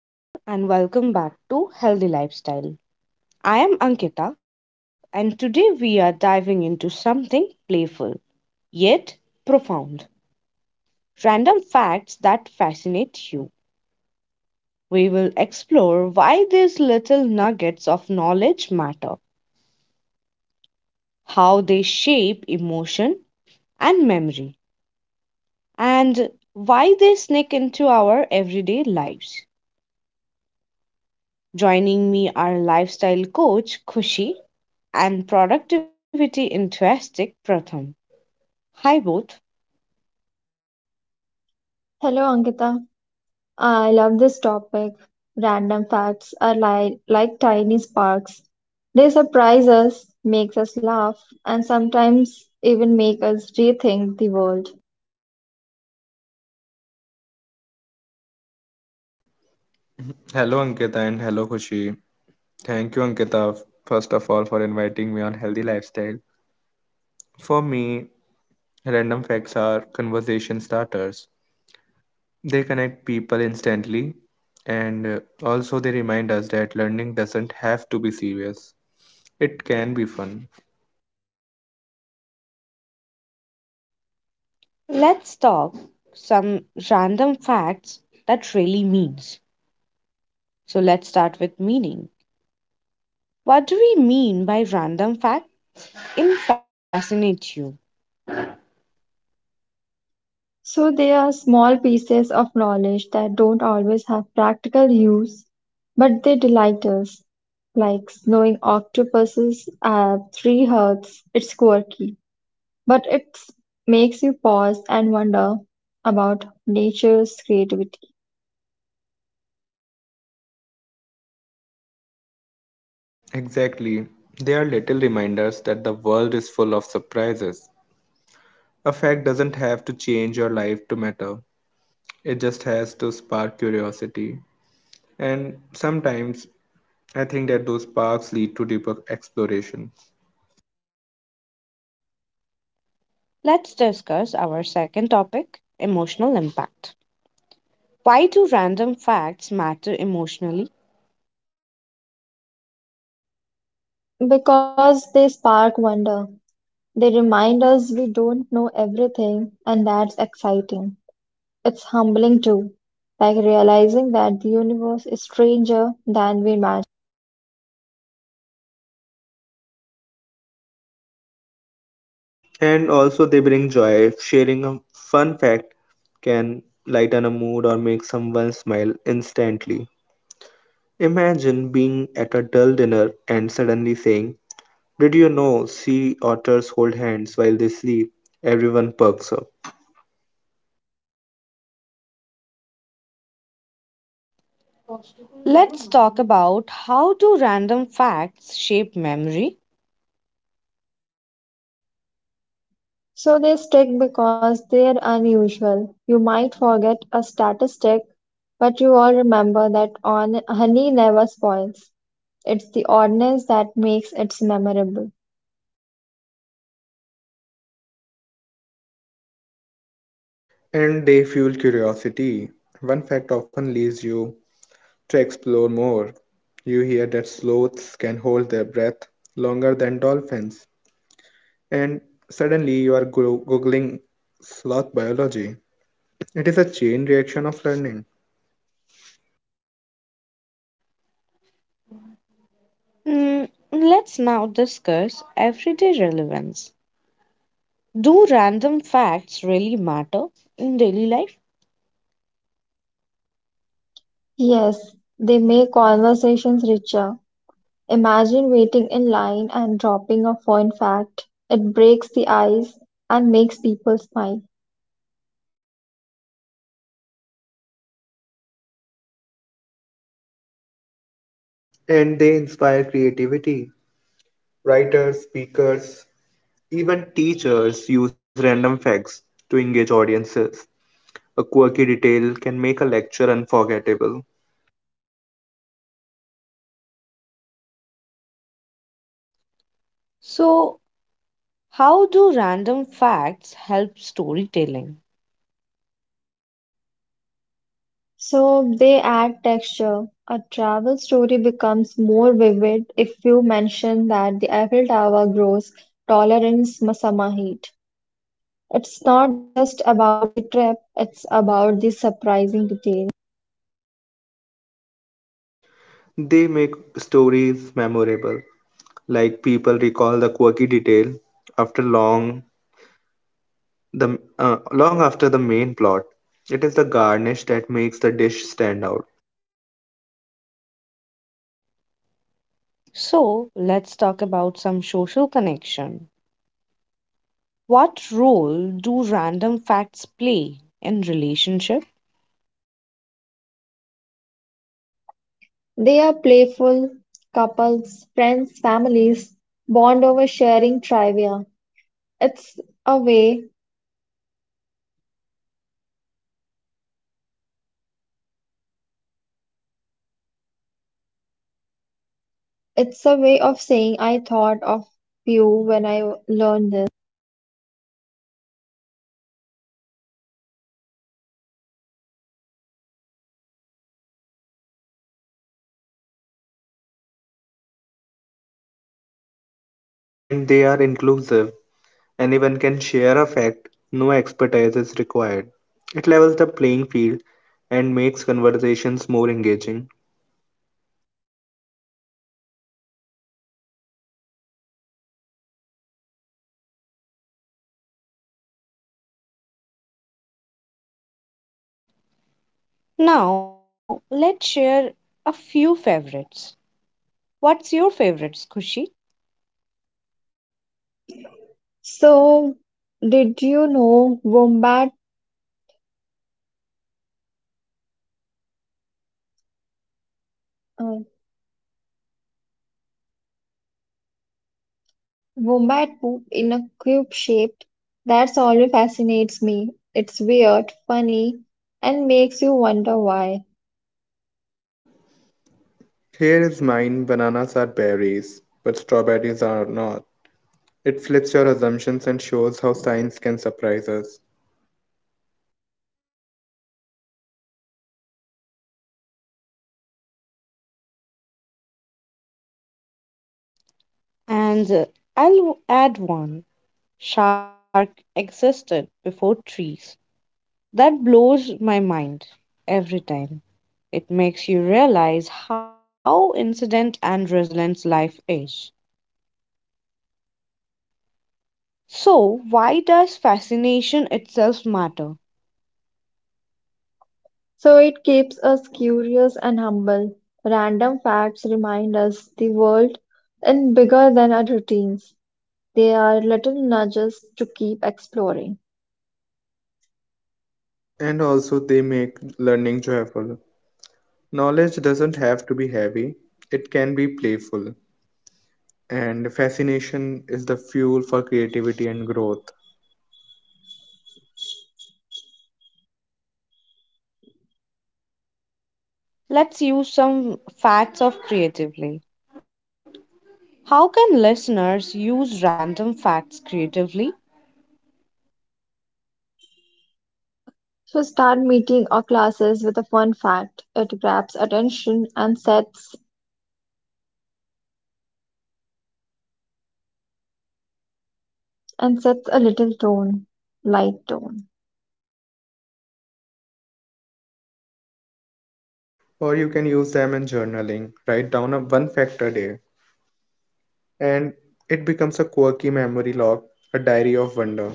Hello, everyone, and welcome back to Healthy Lifestyle. I am Ankita, and today we are diving into something playful yet profound random facts that fascinate you. We will explore why these little nuggets of knowledge matter, how they shape emotion and memory, and why they sneak into our everyday lives. Joining me are lifestyle coach Kushi and productivity enthusiastic Pratham. Hi both. Hello, Ankita. I love this topic. Random facts are li like tiny sparks. They surprise us, makes us laugh, and sometimes even make us rethink the world. Hello, Ankita, and hello, Khushi. Thank you, Ankita, first of all, for inviting me on Healthy Lifestyle. For me, random facts are conversation starters. They connect people instantly, and also they remind us that learning doesn't have to be serious. It can be fun. Let's talk some random facts that really means. So let's start with meaning. What do we mean by random fact in fascinate you? So they are small pieces of knowledge that don't always have practical use, but they delight us. Like knowing octopuses have three hearts, it's quirky, but it makes you pause and wonder about nature's creativity. Exactly. They are little reminders that the world is full of surprises. A fact doesn't have to change your life to matter, it just has to spark curiosity. And sometimes I think that those parks lead to deeper exploration. Let's discuss our second topic, emotional impact. Why do random facts matter emotionally? Because they spark wonder. They remind us we don't know everything, and that's exciting. It's humbling too, like realizing that the universe is stranger than we imagine. And also, they bring joy. Sharing a fun fact can lighten a mood or make someone smile instantly. Imagine being at a dull dinner and suddenly saying, "Did you know sea otters hold hands while they sleep?" Everyone perks up. Let's talk about how do random facts shape memory. So they stick because they're unusual. You might forget a statistic, but you all remember that on honey never spoils. It's the oddness that makes it memorable. And they fuel curiosity. One fact often leads you to explore more. You hear that sloths can hold their breath longer than dolphins, and suddenly you are googling sloth biology. It is a chain reaction of learning. Mm, let's now discuss everyday relevance. Do random facts really matter in daily life? Yes, they make conversations richer. Imagine waiting in line and dropping a fun fact. It breaks the ice and makes people smile. And they inspire creativity. Writers, speakers, even teachers use random facts to engage audiences. A quirky detail can make a lecture unforgettable. So, how do random facts help storytelling? So they add texture. A travel story becomes more vivid if you mention that the Eiffel Tower grows taller in summer heat. It's not just about the trip, it's about the surprising details. They make stories memorable, like people recall the quirky detail after long the long after the main plot. It is the garnish that makes the dish stand out. So, let's talk about some social connection. What role do random facts play in relationship? They are playful, couples, friends, families bond over sharing trivia. It's a way It's a way of saying I thought of you when I learned this. And they are inclusive. Anyone can share a fact, no expertise is required. It levels the playing field and makes conversations more engaging. Now, let's share a few favorites. What's your favorites, Kushi? So, did you know wombat uh, wombat poop in a cube shape? That's always fascinates me. It's weird, funny, and makes you wonder why. Here is mine: bananas are berries, but strawberries are not. It flips your assumptions and shows how science can surprise us. And I'll add one. Shark existed before trees. That blows my mind every time. It makes you realize how incident and resilient life is. So, why does fascination itself matter? So it keeps us curious and humble. Random facts remind us the world is bigger than our routines. They are little nudges to keep exploring. And also, they make learning joyful. Knowledge doesn't have to be heavy, it can be playful. And fascination is the fuel for creativity and growth. Let's use some facts of creatively. How can listeners use random facts creatively? So start meeting or classes with a fun fact. It grabs attention and sets a little tone, light tone. Or you can use them in journaling. Write down a one fact a day, and it becomes a quirky memory log, a diary of wonder.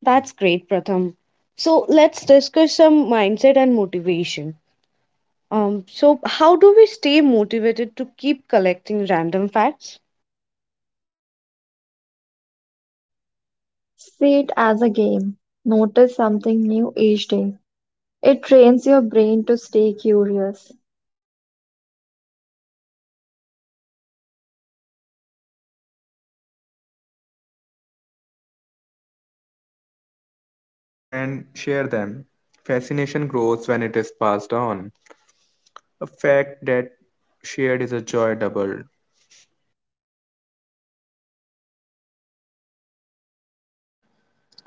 That's great, Pratham. So, let's discuss some mindset and motivation. So, how do we stay motivated to keep collecting random facts? See it as a game. Notice something new each day. It trains your brain to stay curious. And share them. Fascination grows when it is passed on. A fact that shared is a joy doubled.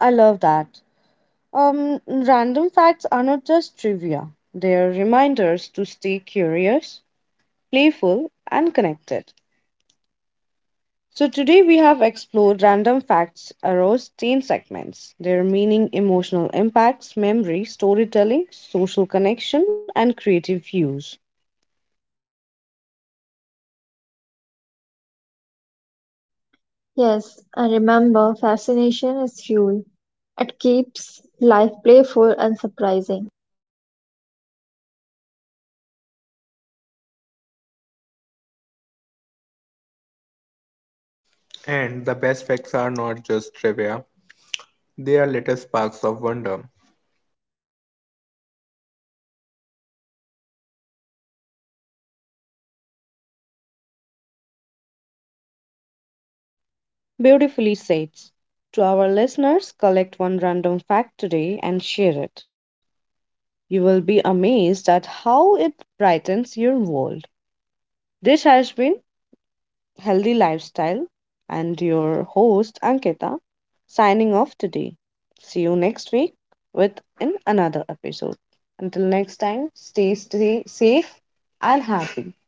I love that. Random facts are not just trivia, they are reminders to stay curious, playful, and connected. So, today we have explored random facts across 10 segments their meaning, emotional impacts, memory, storytelling, social connection, and creative use. Yes, and remember, fascination is fuel. It keeps life playful and surprising. And the best facts are not just trivia, they are little sparks of wonder. Beautifully said. To our listeners, collect one random fact today and share it. You will be amazed at how it brightens your world. This has been healthy lifestyle and your host Ankita signing off today. See you next week with in another episode. Until next time, stay safe and happy.